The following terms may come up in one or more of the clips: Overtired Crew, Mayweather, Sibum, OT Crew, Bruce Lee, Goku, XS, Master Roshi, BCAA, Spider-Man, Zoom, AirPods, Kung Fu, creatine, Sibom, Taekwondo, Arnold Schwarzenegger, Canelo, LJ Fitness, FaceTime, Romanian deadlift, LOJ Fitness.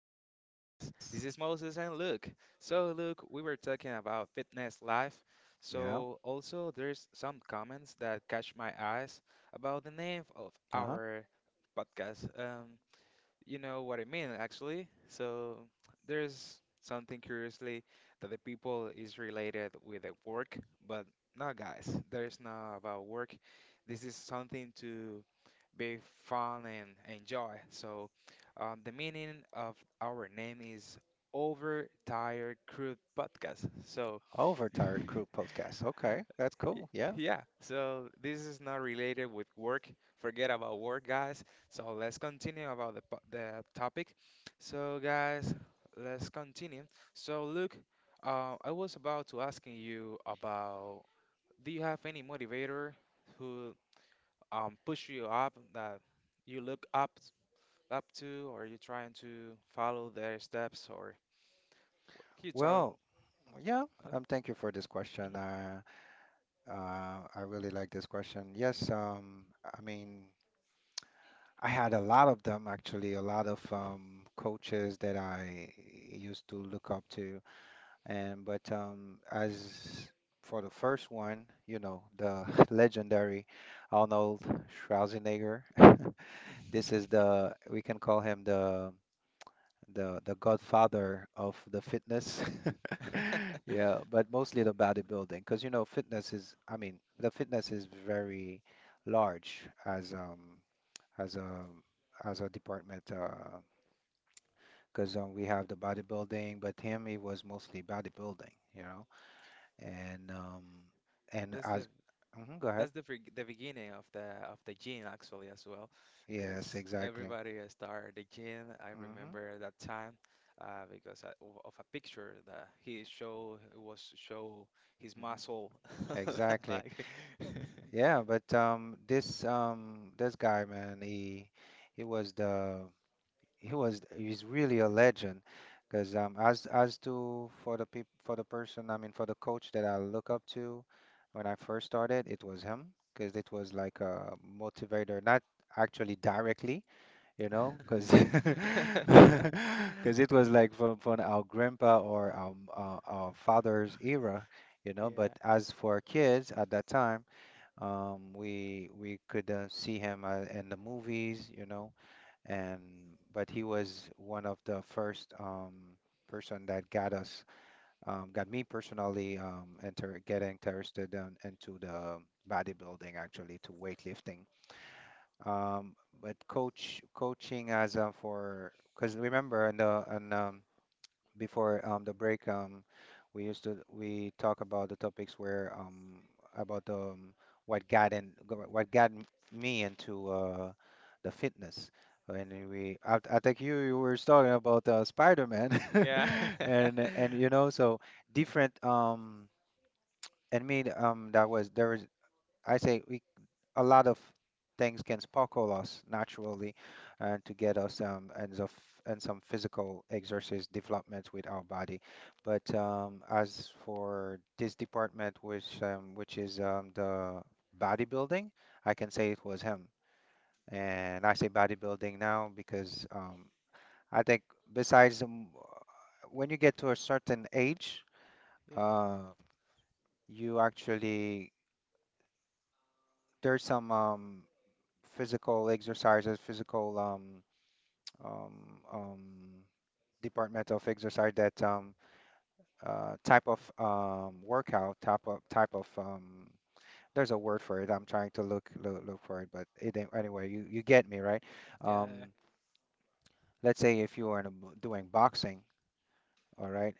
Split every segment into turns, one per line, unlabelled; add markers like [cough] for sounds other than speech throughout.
podcast. This is
Yes.
Moses and Luke. So, Luke, we were talking about fitness life.
Yeah.
So, also, there's some comments that catch my eyes about the name of
Uh-huh.
our podcast. You know what I mean, actually. So, there's something curiously that the people is related with the work, but no, guys, there's not about work. This is something to be fun and enjoy. So, the meaning of our name is Overtired Crude Podcast. So, [laughs] Y-
Overtired Crew podcast. Okay, that's cool. Yeah.
Yeah, so this is not related with work. Forget about work, guys. So let's continue about the topic. So guys, let's continue. So Luke, I was about to asking you about do you have any motivator who push you up that you look up to? Or you trying to follow their steps, or can you talk?
Well, yeah.
Uh,
Thank you for this question.
mhm.
I really like this question. Yes. I mean, I had a lot of them actually. A lot of coaches that I used to look up to, and but as for the first one, you know, the [laughs] legendary Arnold Schwarzenegger. [laughs] This is the we can call him the godfather of the fitness. [laughs] Yeah, but mostly the bodybuilding, because you know fitness is, I mean, the fitness is very large as um as a as a department because we have the bodybuilding, but him he was mostly bodybuilding, you know, and um and
That's
as
the
mhm, go ahead.
that's the the beginning of the gene actually as well,
Yes,
because
exactly.
everybody started the gene. I
Hmm.
remember that time because of a picture that he show it was show his
Hmm.
muscle [laughs]
Exactly.
like.
Yeah, but this this guy, man, he was the he was he's really a legend. Because as to for the peop for the person, I mean for the coach that I look up to, when I first started, it was him. Because it was like a motivator, not actually directly, you know, because [laughs]
[laughs]
because it was like from our grandpa or our father's era, you know. But as for kids at that time. We could see him in the movies, you know, and but he was one of the first person that got us, got me personally inter getting interested into the bodybuilding, actually to weightlifting. Um, but coaching as for because remember in the in before the break, we used to we talk about the topics where about what what me into the fitness. I, think you were talking about Spider-Man, [laughs]
Yeah, yeah. [laughs]
and you know so different. And me, that was there was I say we a lot of things can sparkle us naturally and to get us and some physical exercise development with our body. But as for this department, which is the bodybuilding, I can say it was him. And I say bodybuilding now because I think besides when you get to a certain age,
Yeah,
uh, you actually there's some physical exercises, physical um, um, department of exercise that type of workout type of there's a word for it, I'm trying to look for it but it ain't- anyway you, you get me right. um,
yeah.
let's say if you are in a, doing boxing, all right,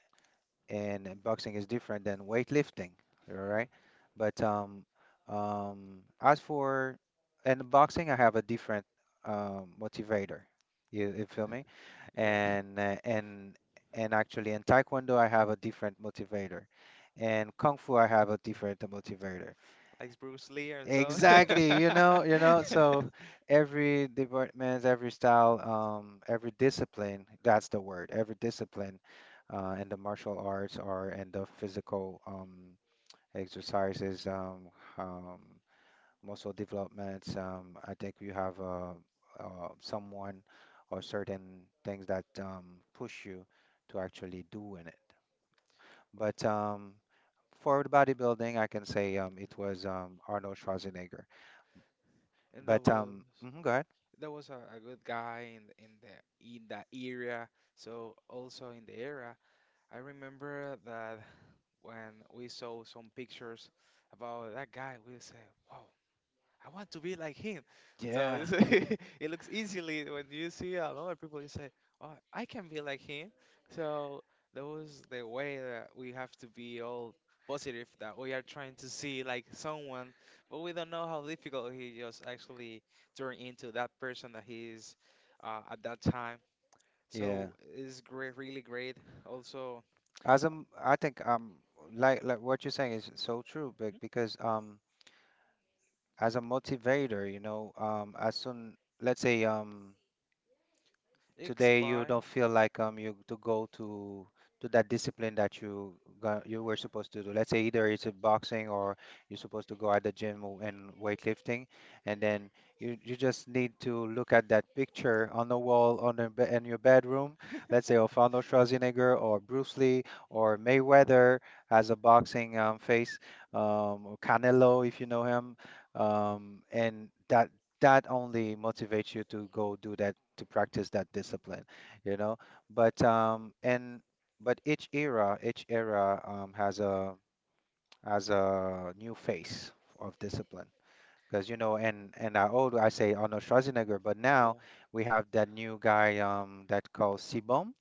and boxing is different than weightlifting, all right? But as for and boxing, I have a different motivator. You feel me?
Yeah.
And and actually, in Taekwondo, I have a different motivator, and Kung Fu, I have a different motivator.
Like Bruce Lee and so.
Exactly,
[laughs]
you know, so every department, every style, every discipline, that's the word, every discipline, in the martial arts or in the physical, exercises, um, muscle developments, I think you have, someone or certain things that, push you to actually doing it.
Oh,
But, for the bodybuilding, I can say, it was, Arnold Schwarzenegger.
and that
But
was
mhm, go ahead.
a good guy in the, in the in that era. So also in the era, I remember that when we saw some pictures about that guy, we say, "Wow, I want to be like him."
Yeah.
So [laughs] it looks easily when you see a lot of people, you say, "Oh, I can be like him." So that was the way that we have to be all positive that we are trying to see like someone, but we don't know how difficult he just actually turned into that person that he is at that time.
Yeah,
So it's great, really great. Also,
I think like what you're saying is so true, but
mhm,
because as a motivator, you know, as soon let's say. Today you don't
expired.
feel like you to go to that discipline that you got, you were supposed to do. Let's say either it's a boxing or you're supposed to go at the gym and weightlifting, and then you just need to look at that picture on the wall, on the in your bedroom. Let's say
[laughs]
of Arnold Schwarzenegger or Bruce Lee or Mayweather has a boxing face, or Canelo if you know him, and that only motivates you to go do that, to practice that discipline, you know. But um and but each era, has a new face of discipline, because you know, and I say Arnold Schwarzenegger, but now
Yeah,
we have that new guy that called Sibom.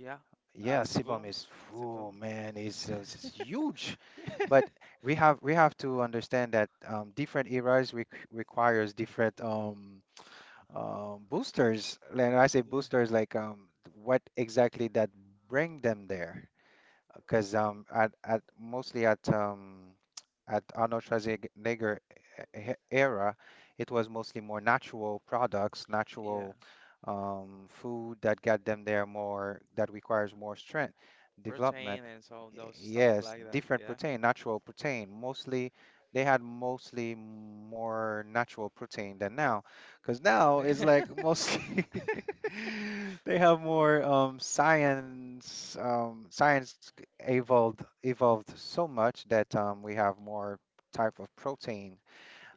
yeah.
Yeah, Sibom
Sibum,
is, oh
Sibum.
man, is huge, but
[laughs]
we have, we have to understand that different eras requires different boosters. And I say
Yeah,
boosters like what exactly that bring them there. Because at mostly at Arnold Schwarzenegger era, it was mostly more natural products,
yeah.
natural food that got them there, more that requires more strength development.
Protein and so
Y-
those stuff
Yes,
like that.
different
Yeah.
protein, natural protein. Mostly they had mostly more natural protein than now, because now it's like
[laughs]
mostly [laughs] they have more science science evolved so much that we have more type of protein,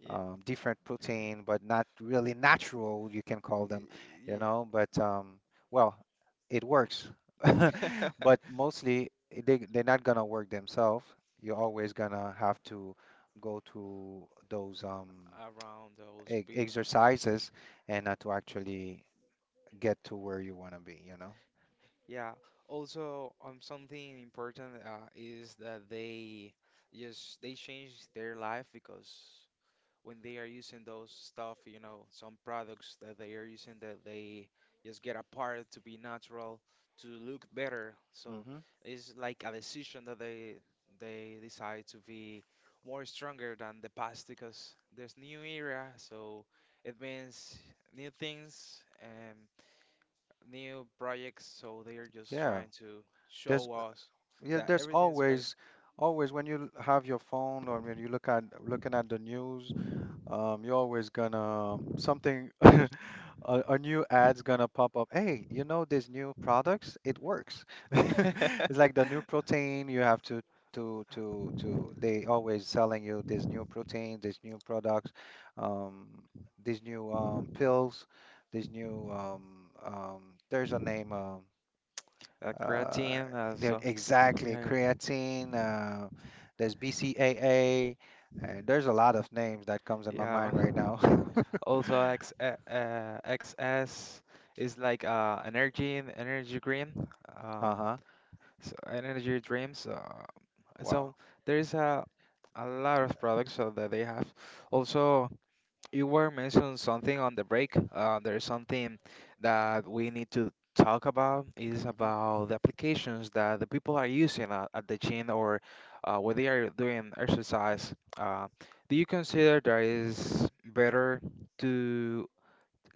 Yeah.
different protein, but not really natural, you can call them, you
y-
know. But well, it works,
Yeah.
[laughs] but
[laughs]
mostly they they're not gonna work themselves. You're always gonna have to go to those
Around
e
those people.
exercises, and to actually get to where you wanna be, you know.
Yeah. Also, something important is that they just they change their life because when they are using those stuff, some products that they are using that they just get apart to be natural, to look better. So
Hmm.
it's like a decision that they decide to be more stronger than the past because there's new era, so it means new things and new projects. So they are just
Yeah.
trying to
There's
show us
Yeah,
that
there's
everything's great.
always, always when you have your phone or when you looking at the news, you're always gonna something, [laughs] a new ad's gonna pop up. Hey, you know these new products? It works. [laughs] It's
[laughs]
like the new protein you have to to. They always selling you this new protein, these new products, um, these new pills, these new There's a name.
A
Uh,
creatine,
there
so
exactly
yeah,
creatine. There's BCAA, and there's a lot of names that comes in my
yeah.
mind right now. [laughs]
Also, XS is like energy and energy dream. Um,
Uh-huh.
so energy dreams. So
Wow.
there's a lot of products that they have. Also, you were mentioning something on the break. There's something that we need to talk about is
Mm-hmm.
about the applications that the people are using at the gym or when they are doing exercise. Do you consider there is better? To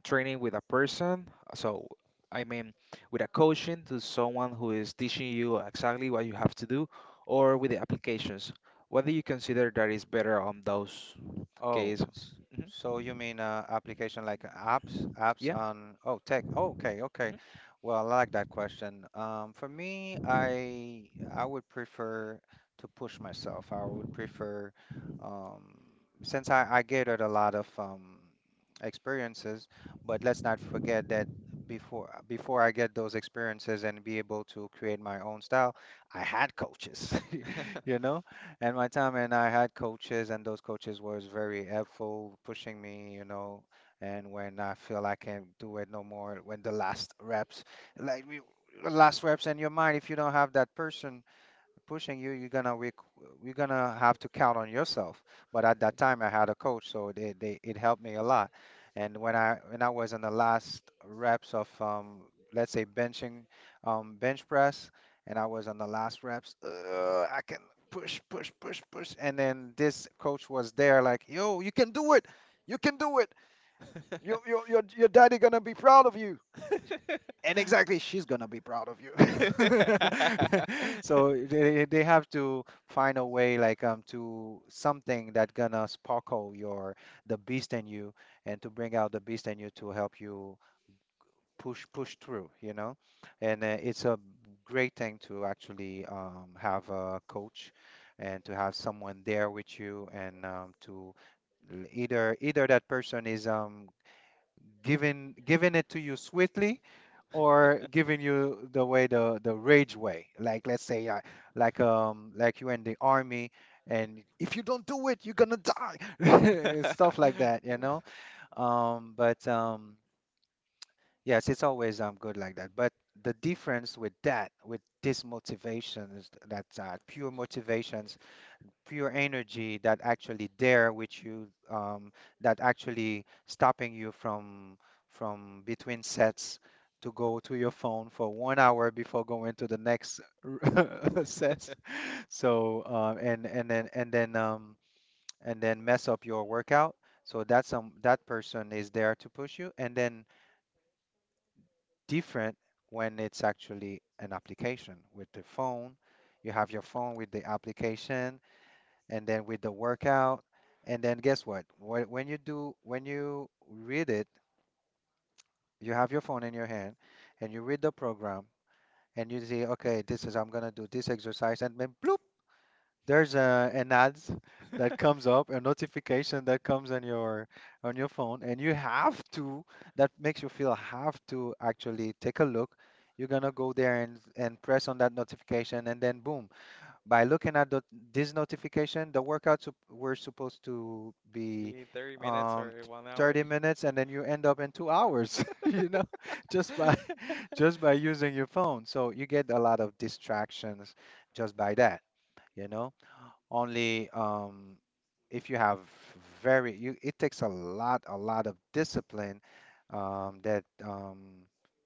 training with a person. So, I mean, with a coaching to someone who is teaching you exactly what you have to do, or with the applications. What do you consider that is better on those
Oh,
cases?
it's,
Hmm.
so you mean application like apps, apps
Yeah.
on, oh, tech. Oh, okay, okay.
Hmm.
Well, I like that question. For me, I would prefer to push myself. I would prefer, um, since I gathered a lot of experiences, but let's not forget that before I get those experiences and be able to create my own style, I had coaches, [laughs] you know, and my time, and I had coaches, and those coaches was very helpful pushing me, you know. And when I feel I can't do it no more, when the last reps, like we- last reps in your mind, if you don't have that person pushing you, you're gonna we're gonna have to count on yourself. But at that time, I had a coach, so they it helped me a lot. And when I was in the last reps of let's say benching bench press, and I was on the last reps, I can push, and then this coach was there like, yo, you can do it, you can do it. Your daddy gonna be proud of you, and exactly she's gonna be proud of you.
[laughs]
[laughs] So they have to find a way like to something that gonna sparkle your the beast in you, and to bring out the beast in you to help you push through, you know. And it's a great thing to actually have a coach, and to have someone there with you, and to either that person is giving it to you swiftly, or giving you the way, the rage way, like let's say like you're in the army, and if you don't do it you're gonna die, [laughs] and stuff like that, you know. But Yes, it's always good like that, but the difference with that with this motivation is that pure motivation, pure energy that actually there which you that actually stopping you from between sets to go to your phone for 1 hour before going to the next [laughs] sets. so uh, and and then and then um, and then mess up your workout. So that's that person is there to push you, and then different when it's actually an application with the phone. You have your phone with the application, and then with the workout. And then guess what? When you read it, you have your phone in your hand and you read the program, and you see, okay, this is, I'm gonna do this exercise. And then bloop, there's a, an ads that comes up, a notification that comes on your phone, and you have to, that makes you feel have to actually take a look. You're gonna go there and, press on that notification, and then boom, by looking at this notification, the workouts were supposed to be
Be 30 minutes
um,
or
t-
one hour.
30 minutes, and then you end up in 2 hours, [laughs] [laughs] just by [laughs] just by using your phone. So you get a lot of distractions just by that, you know only if you have it takes a lot of discipline. That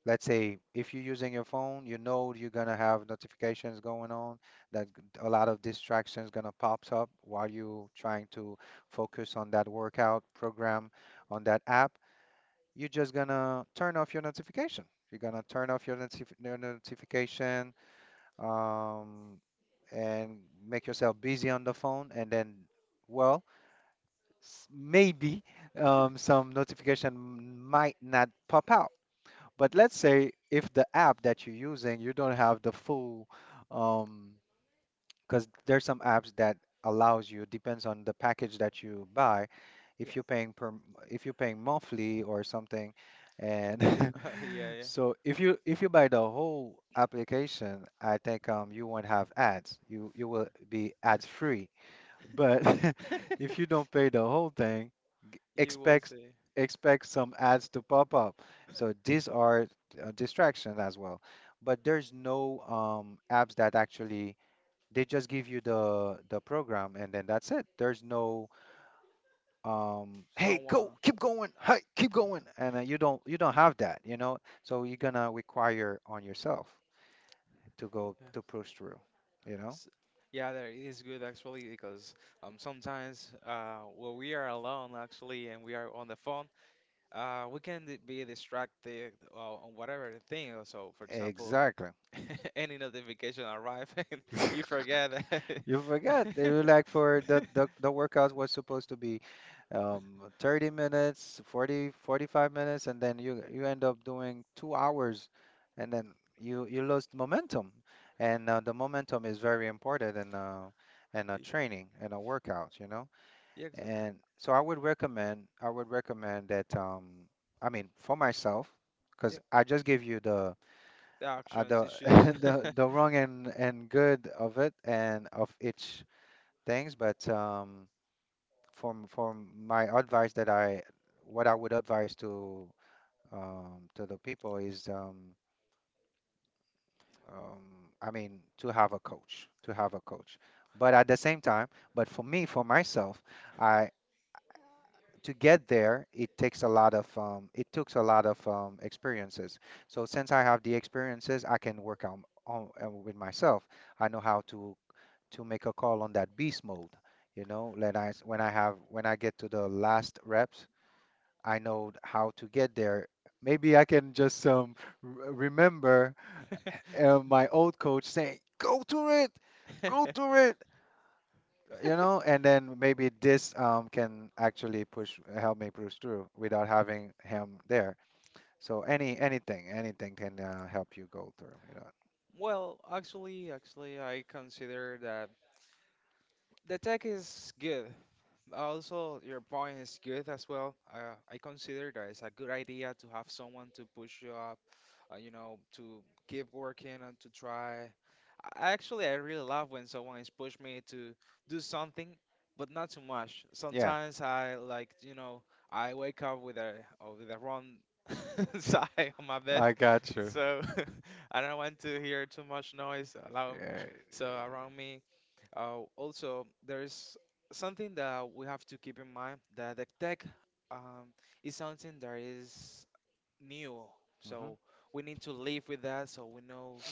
Let's say if you're using your phone, you know you're gonna have notifications going on, a lot of distractions gonna pops up while you trying to focus on that workout program, on that app. You're just gonna turn off your notification. You're gonna turn off your notification um, and make yourself busy on the phone, and then, well, maybe some notification might not pop out. But let's say if the app that you're using, you don't have the full um, because there's some apps that allows you depends on the package that you buy,
Yeah.
if you're paying if you're paying monthly or something. And
[laughs] Yeah,
[laughs]
yeah.
so if you buy the whole application, I think you won't have ads, you will be ads free. But [laughs] if you don't pay the whole thing,
You will
expect,
see
expect some ads to pop up. So these are distractions as well. But there's no apps that actually they just give you the program, and then that's it. There's no hey, go,
someone.
keep going, hey, keep going, and you don't have that, you know. So you're gonna require on yourself to push through, you know.
S- Yeah, that is good actually because sometimes when we are alone actually and we are on the phone we can be distracted on whatever thing. So for example,
Exactly.
[laughs] any notification arrive [laughs] and you
[laughs]
forget that.
You forgot. They
[laughs]
were like for the workout was supposed to be 30 minutes, 40, 45 minutes, and then you end up doing 2 hours, and then you lost momentum. And the momentum is very important in a training and a workout, you know?
Yeah,
And so I would recommend that, I mean for myself, because
yeah,
I just gave you
the action to
the
choose. [laughs]
[laughs] the wrong and good of it and of each things. But from my advice that I, what I would advise to the people is um, I mean, to have a coach, to have a coach. But at the same time, but for me, for myself, I, to get there, it takes a lot of it takes a lot of experiences. So since I have the experiences, I can work on with myself. I know how to make a call on that beast mode. You know, when I have when I get to the last reps, I know how to get there. Maybe I can just remember my old coach saying, go to
[laughs]
it," you know, and then maybe this can actually push help me push through without having him there. So anything, can help you go through, you know.
Well, actually, I consider that the tech is good. Also, your point is good as well. I consider that it's a good idea to have someone to push you up, to keep working and to try. I really love when someone is push me to do something, but not too much.
Yeah,
Sometimes I like, I wake up with a wrong [laughs] side on my bed,
I got you.
so [laughs] I don't want to hear too much noise around,
Yeah.
so around me. Also, there's something that we have to keep in mind that the tech um, is something that is new.
Mhm.
So we need to live with that. So we know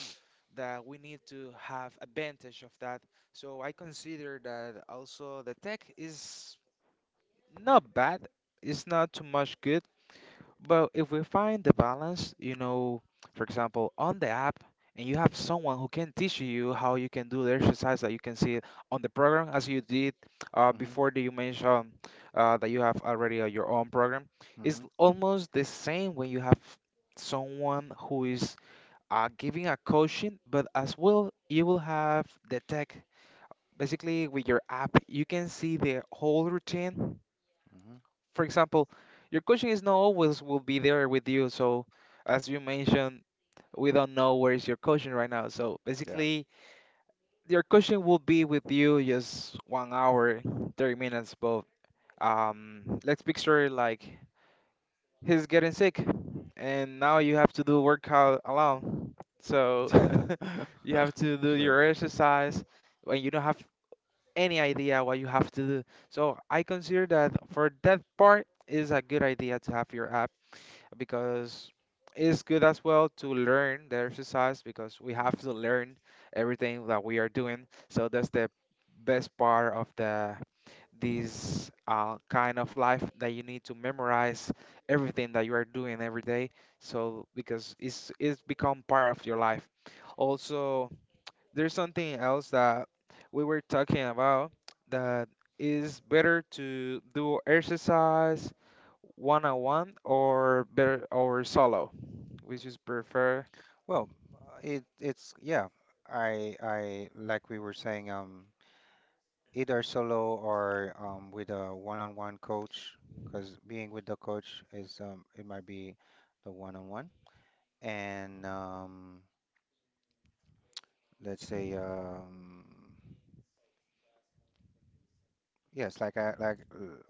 that we need to have advantage of that. So I consider that also the tech is not bad. It's not too much good, but if we find the balance, for example, on the app, and you have someone who can teach you how you can do the exercise that you can see on the program, as you did
Mhm.
before that you mentioned that you have already your own program, it's
Mhm.
almost the same when you have someone who is giving a coaching, but as well, you will have the tech. Basically, with your app, you can see the whole routine.
Mhm.
For example, your coaching is not always will be there with you. So as you mentioned, we don't know where is your coaching right now. So
Yeah.
basically, your coaching will be with you just one hour, 30 minutes. But let's picture like he's getting sick, and now you have to do workout alone. So
Yeah.
[laughs] you have to
[laughs]
do
True.
your exercise when you don't have any idea what you have to do. So I consider that for that part is a good idea to have your app because it's good as well to learn the exercise because we have
Mm.
to learn everything that we are doing. So that's the best part of the this kind of life that you need to memorize everything that you are doing every day. So because it's become part of your life. Also, there's something else that we were talking about that is better to do exercise one on one or better or solo, which is prefer,
Well, it's, yeah. I like, we were saying, either solo or with a one-on-one coach, because being with the coach is, it might be the one-on-one. And let's say yes, like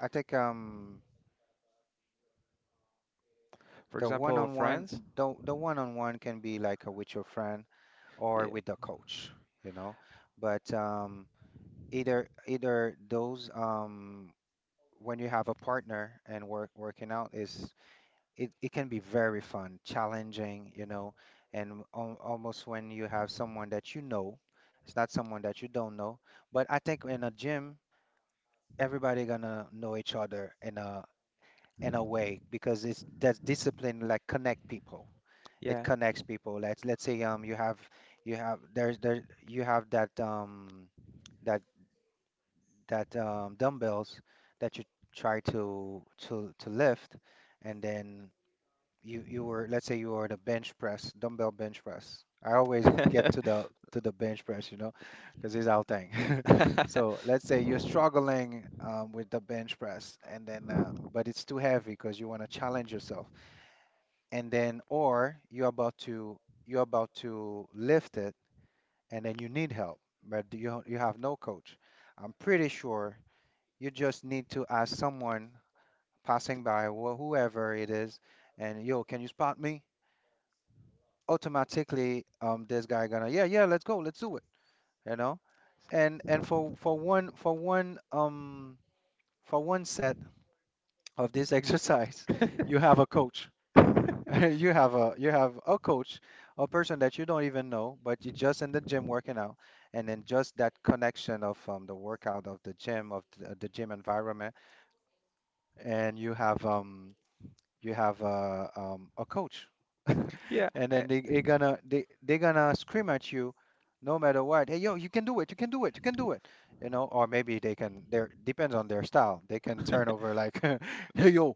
I think
for
the
example, with
one-on-one,
friends.
the one-on-one can be like with your friend or with the coach, you know. But either those when you have a partner and working out is, it can be very fun, challenging, you know. And almost when you have someone that you know, it's not someone that you don't know. But I think in a gym, everybody gonna know each other in a, in a way, because it's, that's discipline like connect people, it
Yeah,
connects people. Let's say you have, there's, there, you have that that. that dumbbells that you try to lift, and then you, were, let's say you were the bench press, dumbbell bench press. I always get
yeah. [laughs]
to the bench press, you know, because it's our thing. [laughs] So let's say you're struggling with the bench press, and then but it's too heavy because you want to challenge yourself, and then, or you're about to, you're about to lift it, and then you need help, but you have no coach. I'm pretty sure you just need to ask someone passing by, whoever it is, and yo, can you spot me? Automatically, this guy gonna, yeah, yeah, let's go, let's do it, you know? And for for one set of this exercise, [laughs] you have a coach. [laughs] You have a, you have a coach, a person that you don't even know, but you're just in the gym working out, and then just that connection of the workout of the gym, of the gym environment, and you have a coach. [laughs]
Yeah.
And then they gonna, they gonna scream at you no matter what, hey yo, you can do it, you can do it, you can do it, you know. Or maybe they can their depends on their style, they can turn
I-
over like [laughs] hey yo,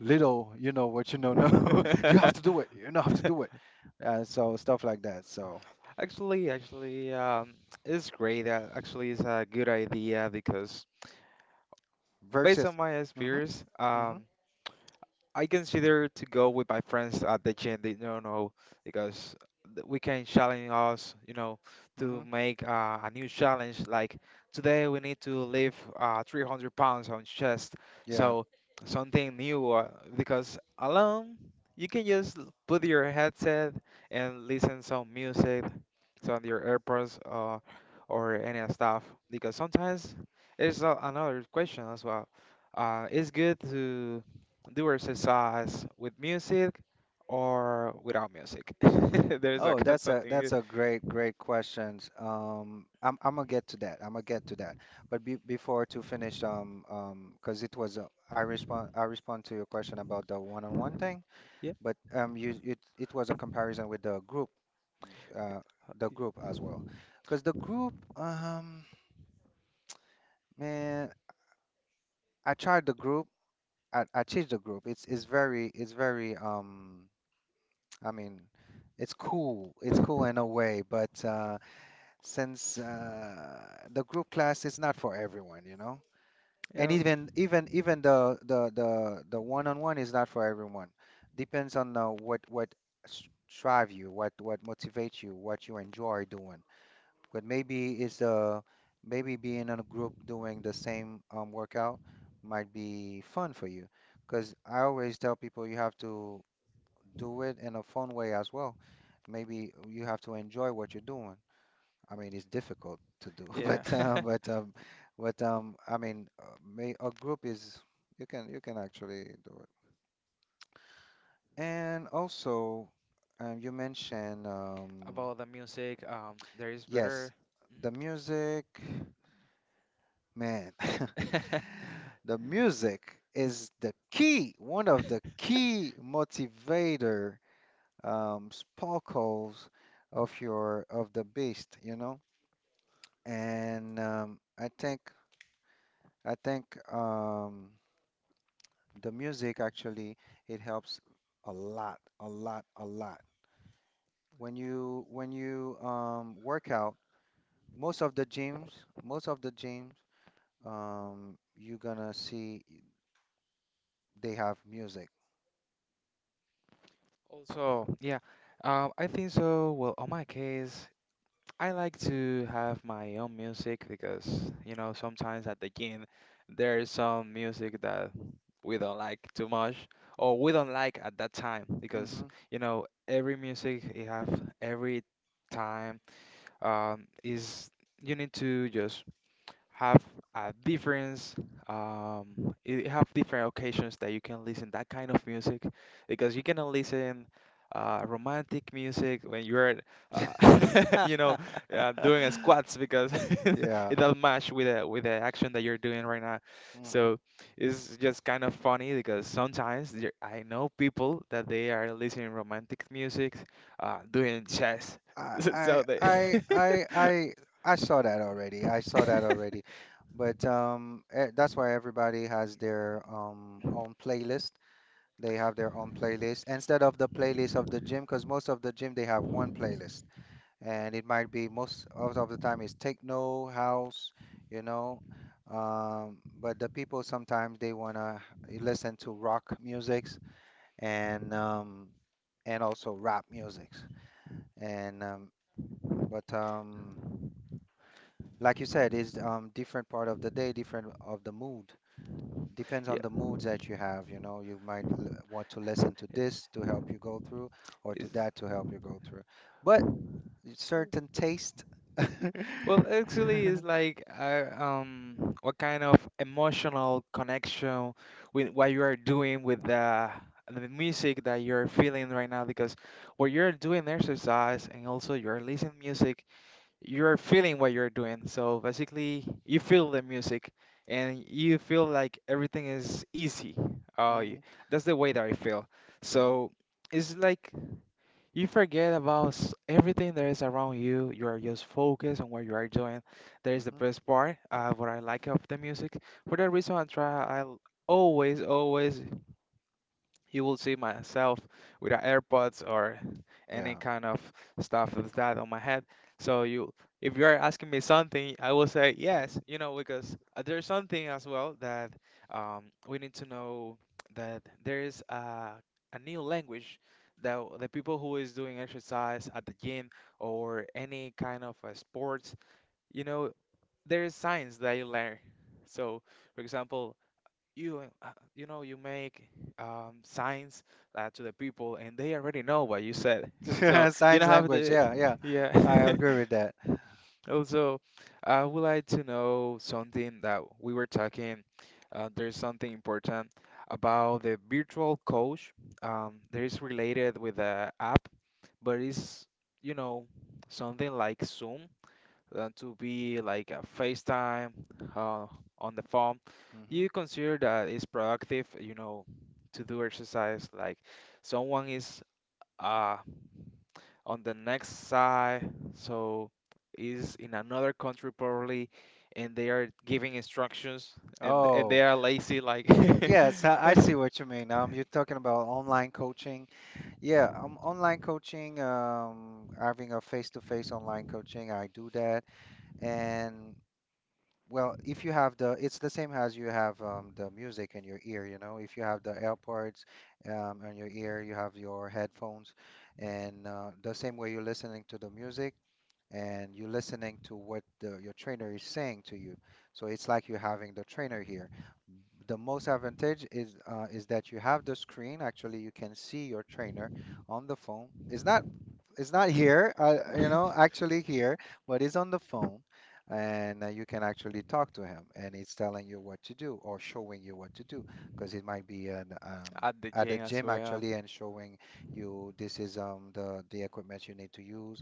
little, you know what, you know, no, [laughs] you have to do it,
[laughs]
you know, have to do it. So stuff like that. So
actually, it's great. Actually, it's a good idea because based on
versus.
my
Mm-hmm,
experience,
mm-hmm,
I consider to go with my friends at the gym. They don't know because we can challenge us,
mm-hmm,
to make a new challenge. Like today, we need to lift 300 pounds on chest.
yeah.
So something new because alone you can just put your headset and listen some music, some your AirPods or any other stuff. Because sometimes it's another question as well. It's good to do exercise with music or without music. [laughs] There's a
Oh, that's a,
something.
that's a great questions. I'm gonna get to that. I'm gonna get to that. But, before to finish, because it was a, I respond to your question about the one-on-one thing.
Yeah.
But you, it was a comparison with uh, the group as well. Because the group, man, I tried the group. I changed the group. It's very, it's very I mean, it's cool. It's cool in a way, but uh, since the group class is not for everyone, you know.
Yeah.
And
Oh,
even the one-on-one is not for everyone. Depends on what, s- drive you, what motivates you, what you enjoy doing. But maybe it's maybe being in a group doing the same workout might be fun for you. Because I always tell people you have to do it in a fun way as well. Maybe you have to enjoy what you're doing. I mean, it's difficult to do, [laughs]
yeah.
but
[laughs]
I mean, may, a group is, you can, you can actually do it. And also, you mentioned
About the music, there is
yes,
better.
the music, man, [laughs]
Mhm. [laughs]
the music is the key, one of the key motivator, sparkles of your, of the beast, you know. And I think um, the music actually, it helps a lot, a lot, a lot. When you, work out, most of the gyms, most of the gyms, you're gonna see they have music.
Also, yeah, I think so. Well, on my case, I like to have my own music because, sometimes at the gym there is some music that we don't like too much or we don't like at that time because,
Hmm.
every music you have every time is you need to just have a difference it have different occasions that you can listen that kind of music because you cannot listen romantic music when you're
[laughs]
uh, [laughs] you know doing a squats because [laughs]
Yeah.
it doesn't match with the action that you're doing right now,
Hmm.
so it's just kind of funny because sometimes I know people that they are listening romantic music doing chess.
I
[laughs]
I
So they,
I I I I saw that already. I saw that
[laughs]
already. But that's why everybody has their own playlist. They have their own playlist instead of the playlist of the gym, because most of the gym they have one playlist, and it might be most of the time is techno, house, you know. But the people sometimes they wanna listen to rock musics and um, and also rap musics. And but like you said, it's different part of the day, different of the mood. Depends
yeah,
on the moods that you have. You know, you might want to listen to this to help you go through, or to
it's.
that to help you go through. But certain taste. [laughs]
Well, actually, it's like what kind of emotional connection with what you are doing with the music that you're feeling right now. Because when you're doing exercise and also you're listening music, you're feeling what you're doing. So basically, you feel the music, and you feel like everything is easy. Uh, y-
Mhm,
that's the way that I feel.
mhm,
So it's like you forget about everything that is around you. You are just focused on what you are doing. That is the
mhm.
best part, what I like of the music. For that reason, I try, I always, always you will see myself with a AirPods or any
Yeah.
kind of stuff of that on my head. So you, if you are asking me something, I will say yes. Because there's something as well that we need to know that there is a new language that the people who is doing exercise at the gym or any kind of sports, you know, there is science that you learn. So, for example, you uh, uh, you know you make signs to the people and they already know what you said, so
[laughs]
you
Signs
don't have
language.
the…
Yeah, yeah.
Yeah.
I agree with that.
[laughs] Also, I would like to know something that we were talking. There's something important about the virtual coach. There is related with the app, but it's, you know, something like Zoom than to be like a FaceTime uh, on the phone.
Hmm.
You consider that it's productive, you know, to do exercise. Like someone is, uh, on the next side, so is in another country probably, and they are giving instructions, and they
Oh,
are lazy like [laughs] at
yes, I
the
see what you mean. You're talking about online coaching. Yeah, online coaching, having a face-to-face online coaching, I do that. And, well, if you have the, it's the same as you have the music in your ear, you know. If you have the AirPods in your ear, you have your headphones, and the same way you're listening to the music, and you're listening to what the, your trainer is saying to you. So it's like you're having the trainer here. The most advantage is that you have the screen. Actually, you can see your trainer on the phone. It's not here, actually here, but it's on the phone, and you can actually talk to him, and it's telling you what to do or showing you what to do, because it might be an at the
gym as
gym
well.
actually, and showing you this is the equipment you need to use,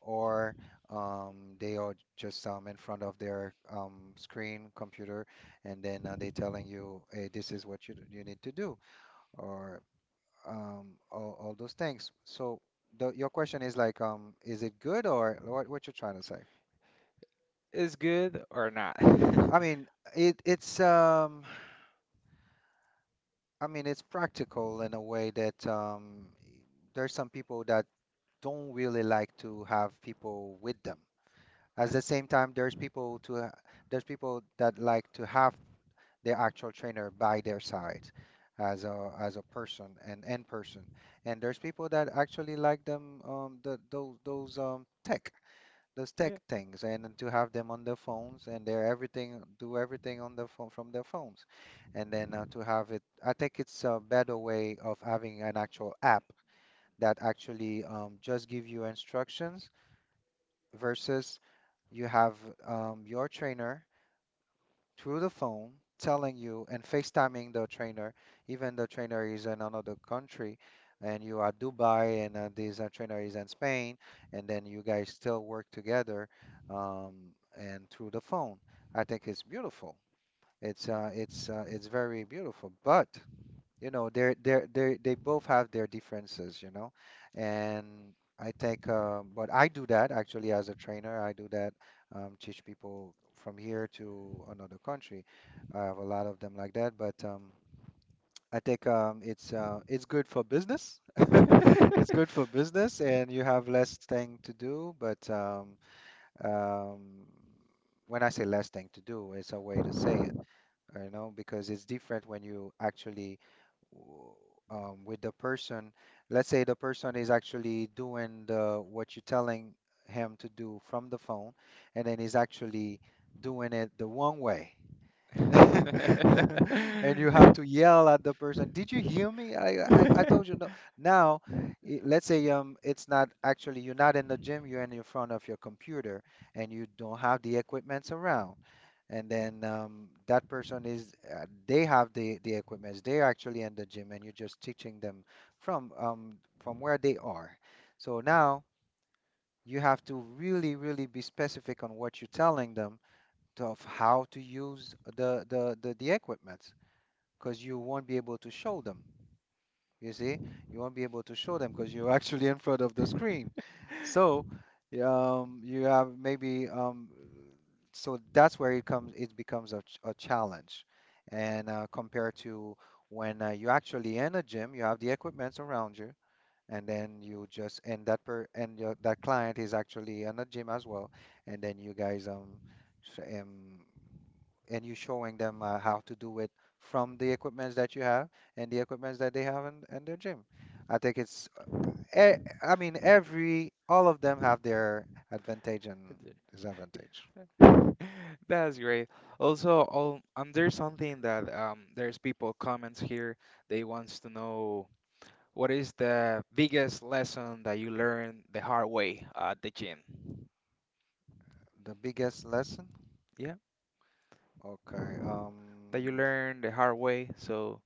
or they are just in front of their screen computer, and then they telling you, hey, this is what you need to do, or all those things. So your question is like, is it good, or what you're trying to say.
Is good or not? [laughs]
I mean, it it's I mean, it's practical in a way that, there's some people that don't really like to have people with them. At the same time, there's people that like to have the actual trainer by their side, as a person and in person. And there's people that actually like them, the those tech, those tech things, and then to have them on their phones, and they're everything do everything on their phone from their phones. And then to have it, I think it's a better way of having an actual app that actually just give you instructions, versus you have your trainer through the phone, telling you, and FaceTiming the trainer. Even the trainer is in another country, and you are Dubai, and this trainer is in Spain, and then you guys still work together, um, and through the phone. I think it's beautiful. It's very beautiful. But you know, they both have their differences, you know. And I take, but I do that actually. As a trainer, I do that, teach people from here to another country. I have a lot of them like that, but I think it's good for business. [laughs] It's good for business, and you have less thing to do, but um, when I say less thing to do, it's a way to say it, you know, because it's different when you actually, w- with the person. Let's say the person is actually doing the what you're telling him to do from the phone, and then he's actually doing it the wrong way. [laughs] And you have to yell at the person, "Did you hear me? I
Yeah.
told you, no." Now, let's say, it's not actually, you're not in the gym, you're in the front of your computer, and you don't have the equipments around. And then that person is, they have the equipments, they're actually in the gym, and you're just teaching them from, from where they are. So now you have to really really be specific on what you're telling them to, of how to use the equipment, because you won't be able to show them. You see, you won't be able to show them, because you're [laughs] actually in front of the screen. So, you have maybe, so that's where it comes. It becomes a, a challenge, and compared to when you're actually in a gym, you have the equipments around you, and then you just and that per and your, that client is actually in a gym as well, and then you guys, sh- um and you showing them how to do it from the equipments that you have and the equipments that they have in their gym. I think it's, I mean, every, all of them have their advantage and
[laughs] [laughs]
disadvantage.
[laughs] That's great. Also, there's something that, there's people comments here. They wants to know, what is the biggest lesson that you learned the hard way at the gym?
The biggest lesson?
Yeah,
Okay.
that you learned the hard way. So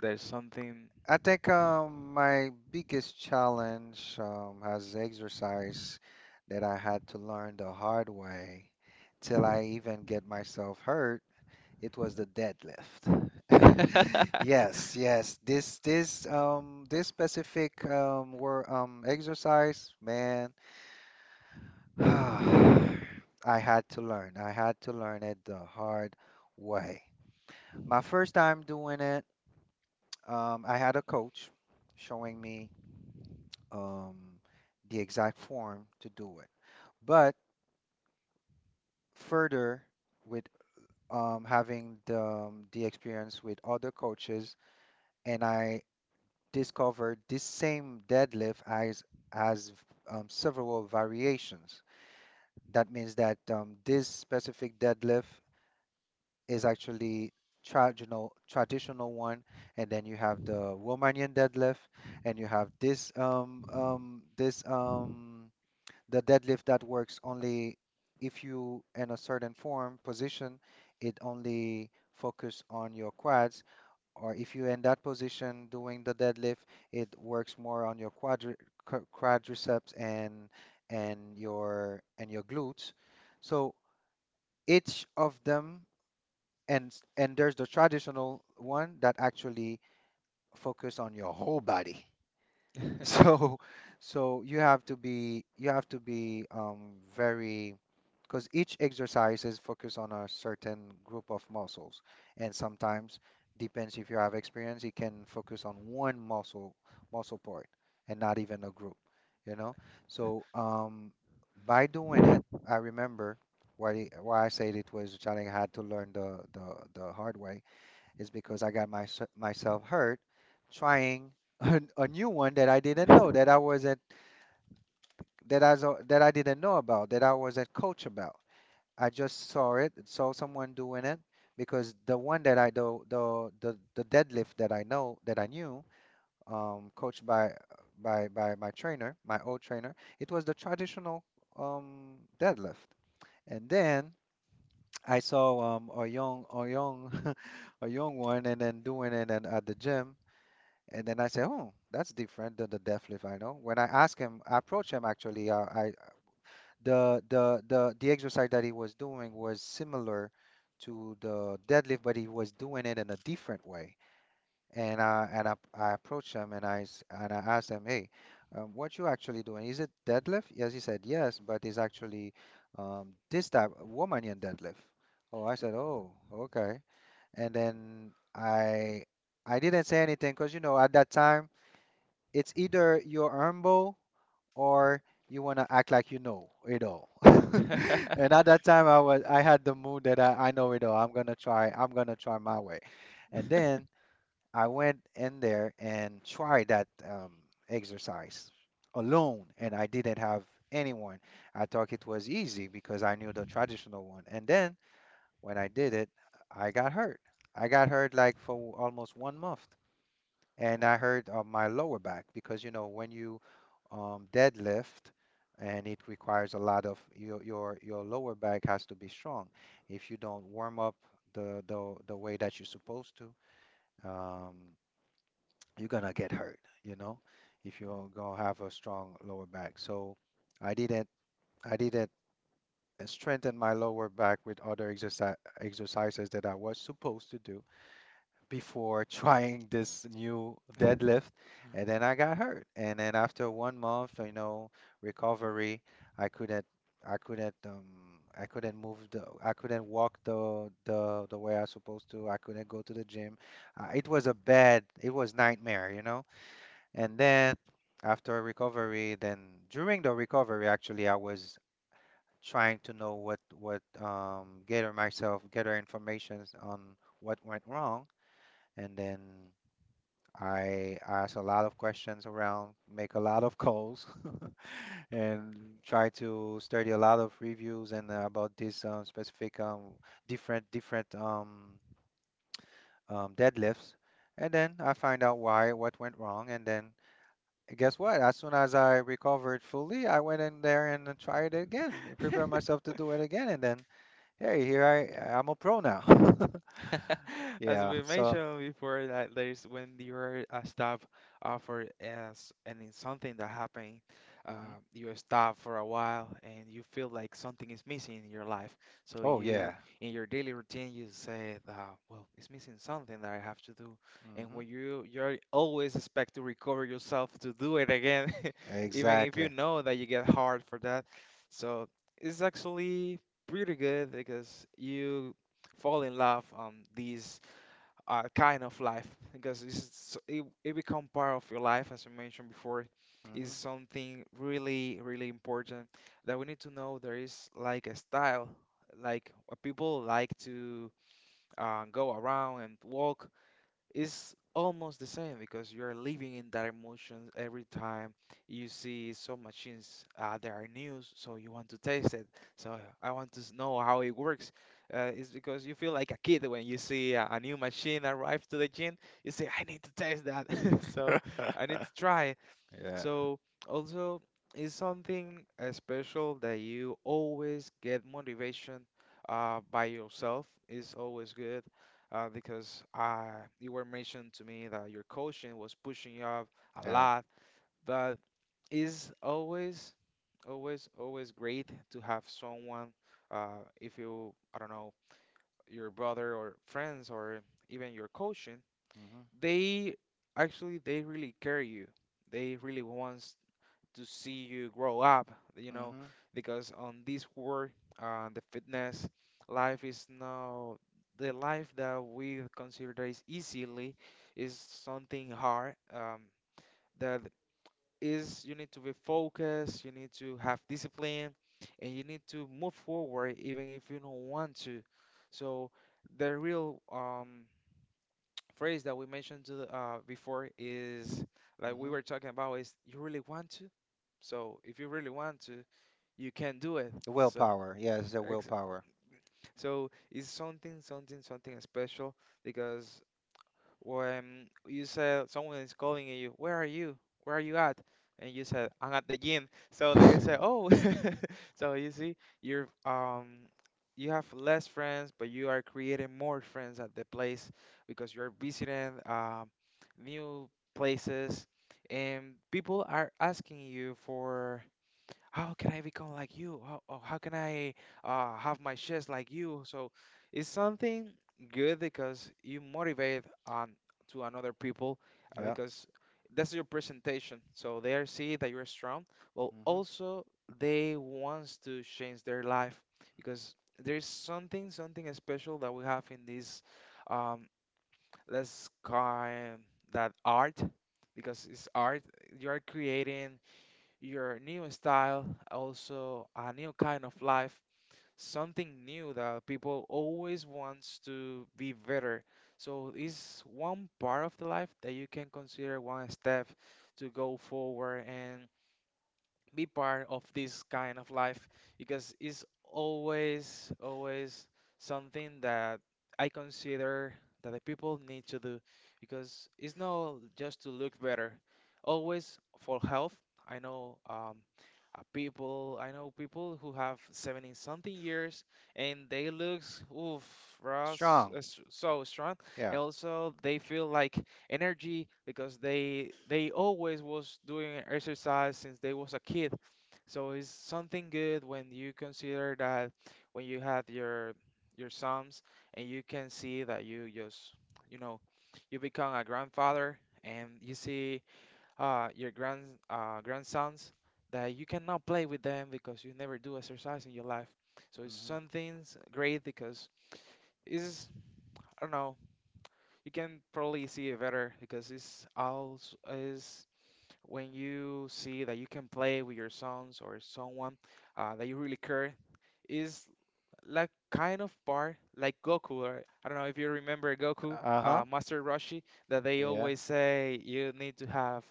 there's something.
I think my biggest challenge, has exercise that I had to learn the hard way, till I even get myself hurt. It was the deadlift. [laughs]
[laughs]
Yes, yes. This specific were exercise, man. [sighs] I had to learn. I had to learn it the hard way. My first time doing it, I had a coach showing me, um the exact form to do it. But further, with having the, the experience with other coaches, and I discovered this same deadlift as several variations. That means that, this specific deadlift is actually traditional, one. And then you have the Romanian deadlift, and you have this, the deadlift that works only if you in a certain form position. It only focus on your quads, or if you're in that position doing the deadlift, it works more on your quadriceps, and your glutes. So each of them, and and there's the traditional one that actually focus on your whole body. So, [laughs] so you have to be, you have to be very, because each exercise is focused on a certain group of muscles. And sometimes, depends if you have experience, you can focus on one muscle, muscle part, and not even a group, you know. So by doing it, I remember why I said it was a challenge I had to learn the hard way, is because I got my, myself hurt, trying [laughs] a new one that I didn't know,
[laughs]
that I didn't know about, that I wasn't coach about. I just saw it, saw someone doing it, because the one that I do, the deadlift that I know, that I knew, coached by, my trainer, my old trainer, it was the traditional, deadlift. And then I saw, a young [laughs] a young one and then doing it, and at the gym. And then I say, oh, that's different than the deadlift I know. When I ask him, I approach him actually. I the exercise that he was doing was similar to the deadlift, but he was doing it in a different way. And I approached him, and I asked him, hey, what you actually doing? Is it deadlift? Yes, he said, yes, but it's actually, this type Romanian deadlift. Oh, I said, oh, okay. And then, I didn't say anything, because you know, at that time, it's either you're humble, or you want to act like you know it all. [laughs]
Oh,
And at that time, I was, I had the mood that, I know it all. I'm gonna try. I'm gonna try my way. And then I went in there and tried that, exercise alone, and I didn't have anyone. I thought it was easy because I knew the traditional one. And then when I did it, I got hurt. I got hurt like for almost 1 month, and I hurt on my lower back, because you know, when you, deadlift, and it requires a lot of your, lower back has to be strong. If you don't warm up the way that you're supposed to, um, you're gonna get hurt, you know, if you don't gonna have a strong lower back. So I didn't, I didn't strengthen my lower back with other exercises that I was supposed to do before [laughs] trying this new deadlift. And then I got hurt. And then after 1 month, you know, recovery, I couldn't, I couldn't um I couldn't move the I couldn't walk the way I supposed to. I couldn't go to the gym. It was a bad, it was nightmare, you know. And then after recovery, then during the recovery actually, I was trying to know what, gather myself, gather information on what went wrong. And then I ask a lot of questions around, make a lot of calls, [laughs] and try to study a lot of reviews, and about this, specific, different, deadlifts. And then I find out why, what went wrong. And then guess what? As soon as I recovered fully, I went in there and tried it again, and prepared
yeah. [laughs]
myself to do it again. And then, hey, here I'm a pro now. [laughs]
[laughs] As
Yeah.
we
So,
mentioned before, that there's when you're stop, for as, and it's something that happened,
mhm.
you stop for a while and you feel like something is missing in your life. So
Oh,
you,
yeah.
in your daily routine, you say, well, it's missing something that I have to do. And
Hmm.
when you, you're always expect to recover yourself to do it again, [laughs] even if you
Exactly.
know that you get hard for that. So it's actually pretty good because you fall in love, these kind of life, because it become part of your life. As I mentioned before,
Hmm.
is something really really important that we need to know. There is like a style, like what people like to go around and walk. It's almost the same because you're living in that emotion every time you see some machines that are new, so you want to taste it. So I want to know how it works. It's because you feel like a kid when you see a new machine arrive to the gym. You say, I need to taste that. [laughs] So I need
[laughs]
to try.
Yeah.
So, also, is something special that you always get motivation by yourself is always good, because you were mentioned to me that your coaching was pushing you up a
Yeah.
lot, but is always, always, always great to have someone, if you, I don't know, your brother or friends or even your coaching,
Hmm.
they actually they really care you. They really wants to see you grow up, you know,
Hmm.
because on this world, the fitness life is now the life that we consider that is easily, is something hard, that is you need to be focused, you need to have discipline, and you need to move forward even if you don't want to. So the real phrase that we mentioned to the, before is like we
Hmm.
were talking about is you really want to, so if you really want to you can do it.
The
So
willpower. Yeah, it's the
ex-
willpower.
so it's something special because when you said someone is calling you, where are you? Where are you at? And you said, I'm at the gym. So they say, oh, [laughs] so you see, you're, you have less friends, but you are creating more friends at the place because you're visiting, new places, and people are asking you for, how can I become like you? How, or how can I have my chest like you? So it's something good because you motivate on to another people,
Yeah.
because that's your presentation. So they are see that you're strong. Well,
Hmm.
also, they wants to change their life because there's something special that we have in this, um, let's call that art, because it's art. You are creating your new style, also a new kind of life, something new that people always wants to be better. So it's one part of the life that you can consider one step to go forward, and be part of this kind of life because it's always, always something that I consider that the people need to do because it's not just to look better, always for health. I know, people, I know people who have 70 something years and they looks, oof, Ross,
Strong.
so strong,
Yeah.
and also they feel like energy because they always was doing exercise since they was a kid. So it's something good when you consider that when you had your sons and you can see that you just, you know, you become a grandfather and you see your grand, grandsons, that you cannot play with them because you never do exercise in your life. So it's
Hmm.
something's great because it's, I don't know, you can probably see it better because it's also is when you see that you can play with your sons or someone that you really care, is like kind of part like Goku, or I don't know if you remember Goku,
Uh-huh.
Master Roshi, that they
Yeah.
always say you need to have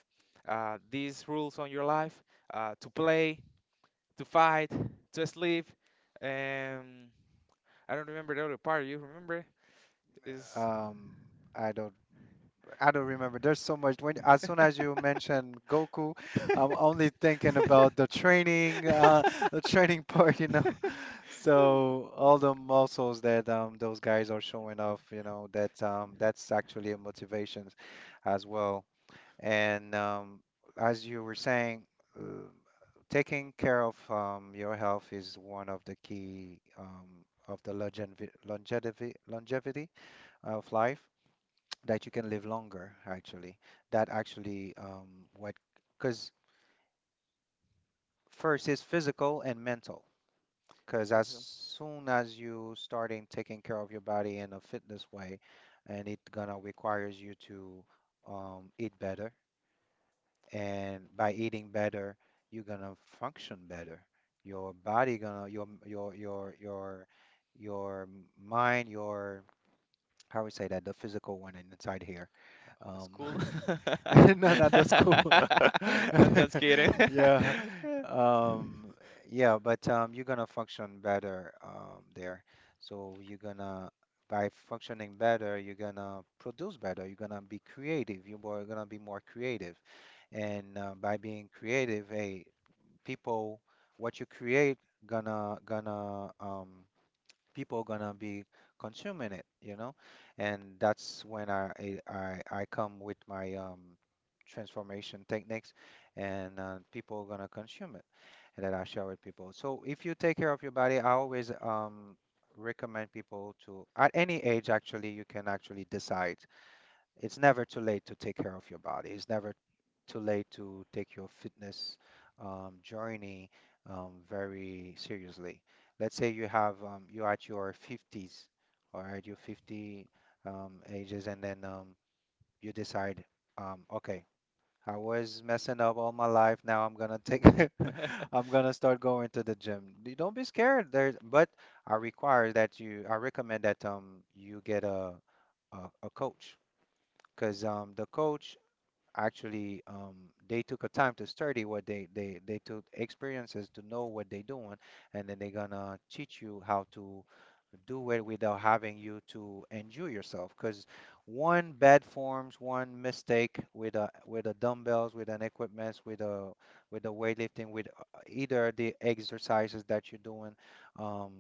these rules on your life, to play, to fight, to sleep, and I don't remember the other part. You remember? Is…
Um, I don't I don't remember. There's so much. When, as soon as you mention Goku, I'm only thinking about the training, the training, [laughs] part, you know. [laughs]
[laughs]
So all the muscles that those guys are showing off, you know, that that's actually a motivation as well. And, as you were saying, uh, taking care of, your health is one of the key, of the longevity of life, that you can live longer, actually. That actually what, because first is physical and mental. Because as
Actually,
soon as you starting taking care of your body in a fitness way, and it gonna requires you to, eat better. And by eating better, you're gonna function better. Your body gonna, your mind, your, how we say that, the physical one inside here, um
school.
[laughs] [laughs] No, no, that's cool.
[laughs] I'm just kidding.
[laughs] Yeah.
[laughs]
Um, yeah, but, you're gonna function better, there. So you're gonna, by functioning better, you're gonna produce better. You're gonna be creative. You're, gonna be more creative. And by being creative, hey, people, what you create gonna, people gonna be consuming it, you know? And that's when I come with my, transformation techniques, and people are gonna consume it, and that I share with people. So if you take care of your body, I always recommend people to, at any age, actually, you can actually decide, it's never too late to take care of your body. It's never too late to take your fitness, journey, very seriously. Let's say you have, you're at your 50s, all right, your 50, ages, and then you decide, okay, I was messing up all my life. Now I'm gonna take, [laughs] I'm gonna start going to the gym. You, don't be scared. There's, but I require that you, I recommend that, you get a coach, because, the coach actually, they took a time to study what they, they took experiences to know what they doing. And then they're gonna teach you how to do it, without having you to injure yourself. Because one bad forms, one mistake with a, with a dumbbells, with an equipment, with a, with the weightlifting, with either the exercises that you're doing, um,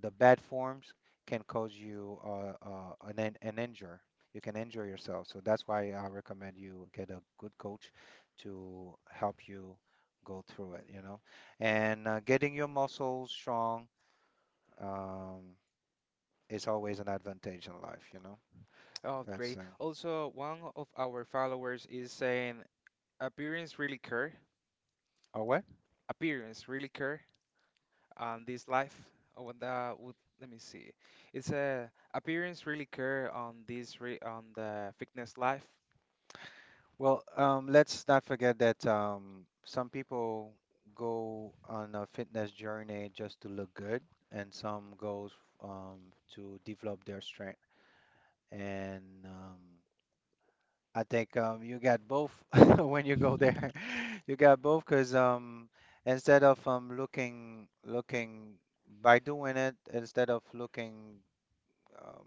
the bad forms, can cause you an, an injury, you can enjoy yourself. So that's why I recommend you get a good coach to help you go through it, you know. And getting your muscles strong, um, is always an advantage in life, you know.
Oh,
That's,
great. Also, one of our followers is saying, appearance really care.
all right.
Appearance really care. This life. Oh, and that would, let me see. It's a, appearance really care on this re on the fitness life.
Well, let's not forget that, some people go on a fitness journey just to look good, and some goes, to develop their strength. And, I think, you got both [laughs] when you go there. [laughs] You got both, because, instead of, looking, by doing it, instead of looking, um,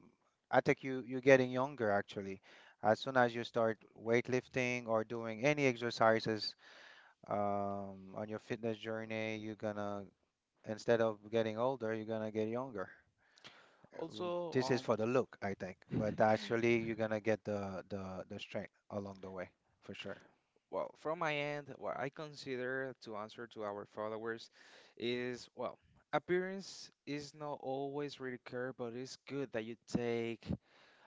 I think you, you're getting younger actually. As soon as you start weightlifting or doing any exercises, on your fitness journey, you're gonna, instead of getting older, you're gonna get younger. Uh,
Also,
This is for the look, I think,
um,
but
[laughs]
actually you're gonna get the the strength along the way, for sure.
Well, from my end, what I consider to answer to our followers is, well, appearance is not always really care, but it's good that you take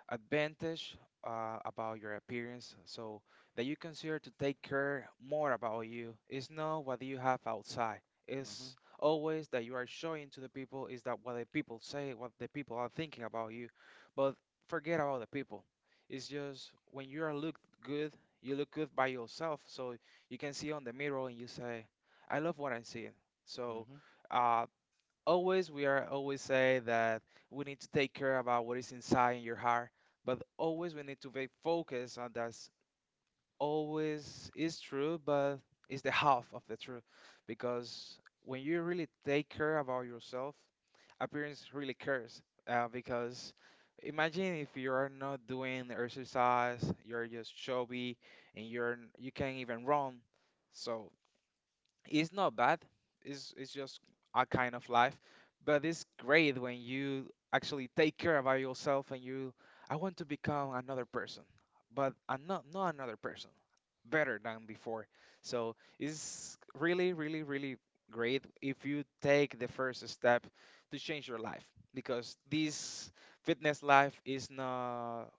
advantage about your appearance, so that you consider to take care more about you. It's not what you have outside,
Hmm.
it's always that you are showing to the people, is that what the people say, what the people are thinking about you. But forget about the people, it's just when you are look good, you look good by yourself, so you can see on the mirror and you say, I love what I'm seeing. So uh, always we are always say that we need to take care about what is inside in your heart, but always we need to be focused on that's always is true, but it's the half of the truth because when you really take care about yourself, appearance really cares, because imagine if you are not doing exercise, you're just chubby, and you can't even run. So it's not bad. It's just a kind of life, but it's great when you actually take care about yourself and you. I want to become another person, but I'm not not another person, better than before. So it's really, really, really great if you take the first step to change your life, because this fitness life is not,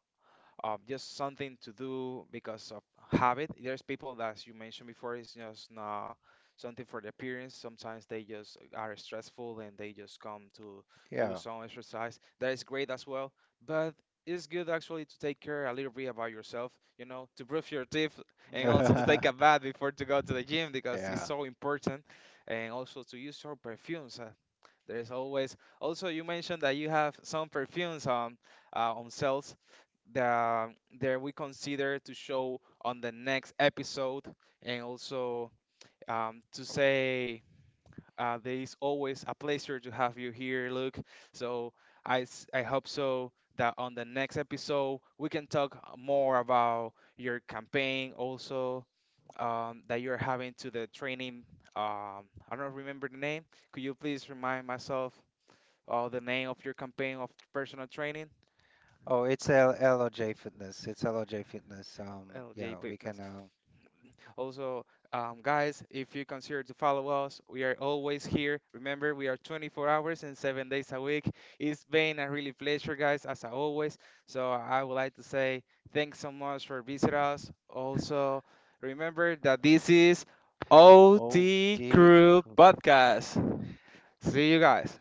just something to do because of habit. There's people that, as you mentioned before, is just not something for the appearance. Sometimes they just are stressful and they just come to
Hmm.
do
Yeah.
some exercise. That is great as well, but it's good actually to take care a little bit about yourself, you know, to brush your teeth and also to take a
[laughs]
bath before to go to the gym because it's
Yeah.
so important, and also to use your perfumes. There's always, also you mentioned that you have some perfumes on, on sales, that there we consider to show on the next episode, and also, to
Oh,
say, there is always a pleasure to have you here, Luke. So I hope so that on the next episode we can talk more about your campaign, also, that you're having to the training, um, I don't remember the name. Could you please remind myself of the name of your campaign of personal training?
oh, it's L LOJ Fitness. It's LOJ Fitness.
LJ
Yeah, we
Fitness.
can.
Also, guys, if you consider to follow us, we are always here. Remember, we are 24 hours and 7 days a week. It's been a really pleasure, guys, as always. So I would like to say thanks so much for visiting us. Also, remember that this is
O
OT
D.
Crew Podcast. See you guys.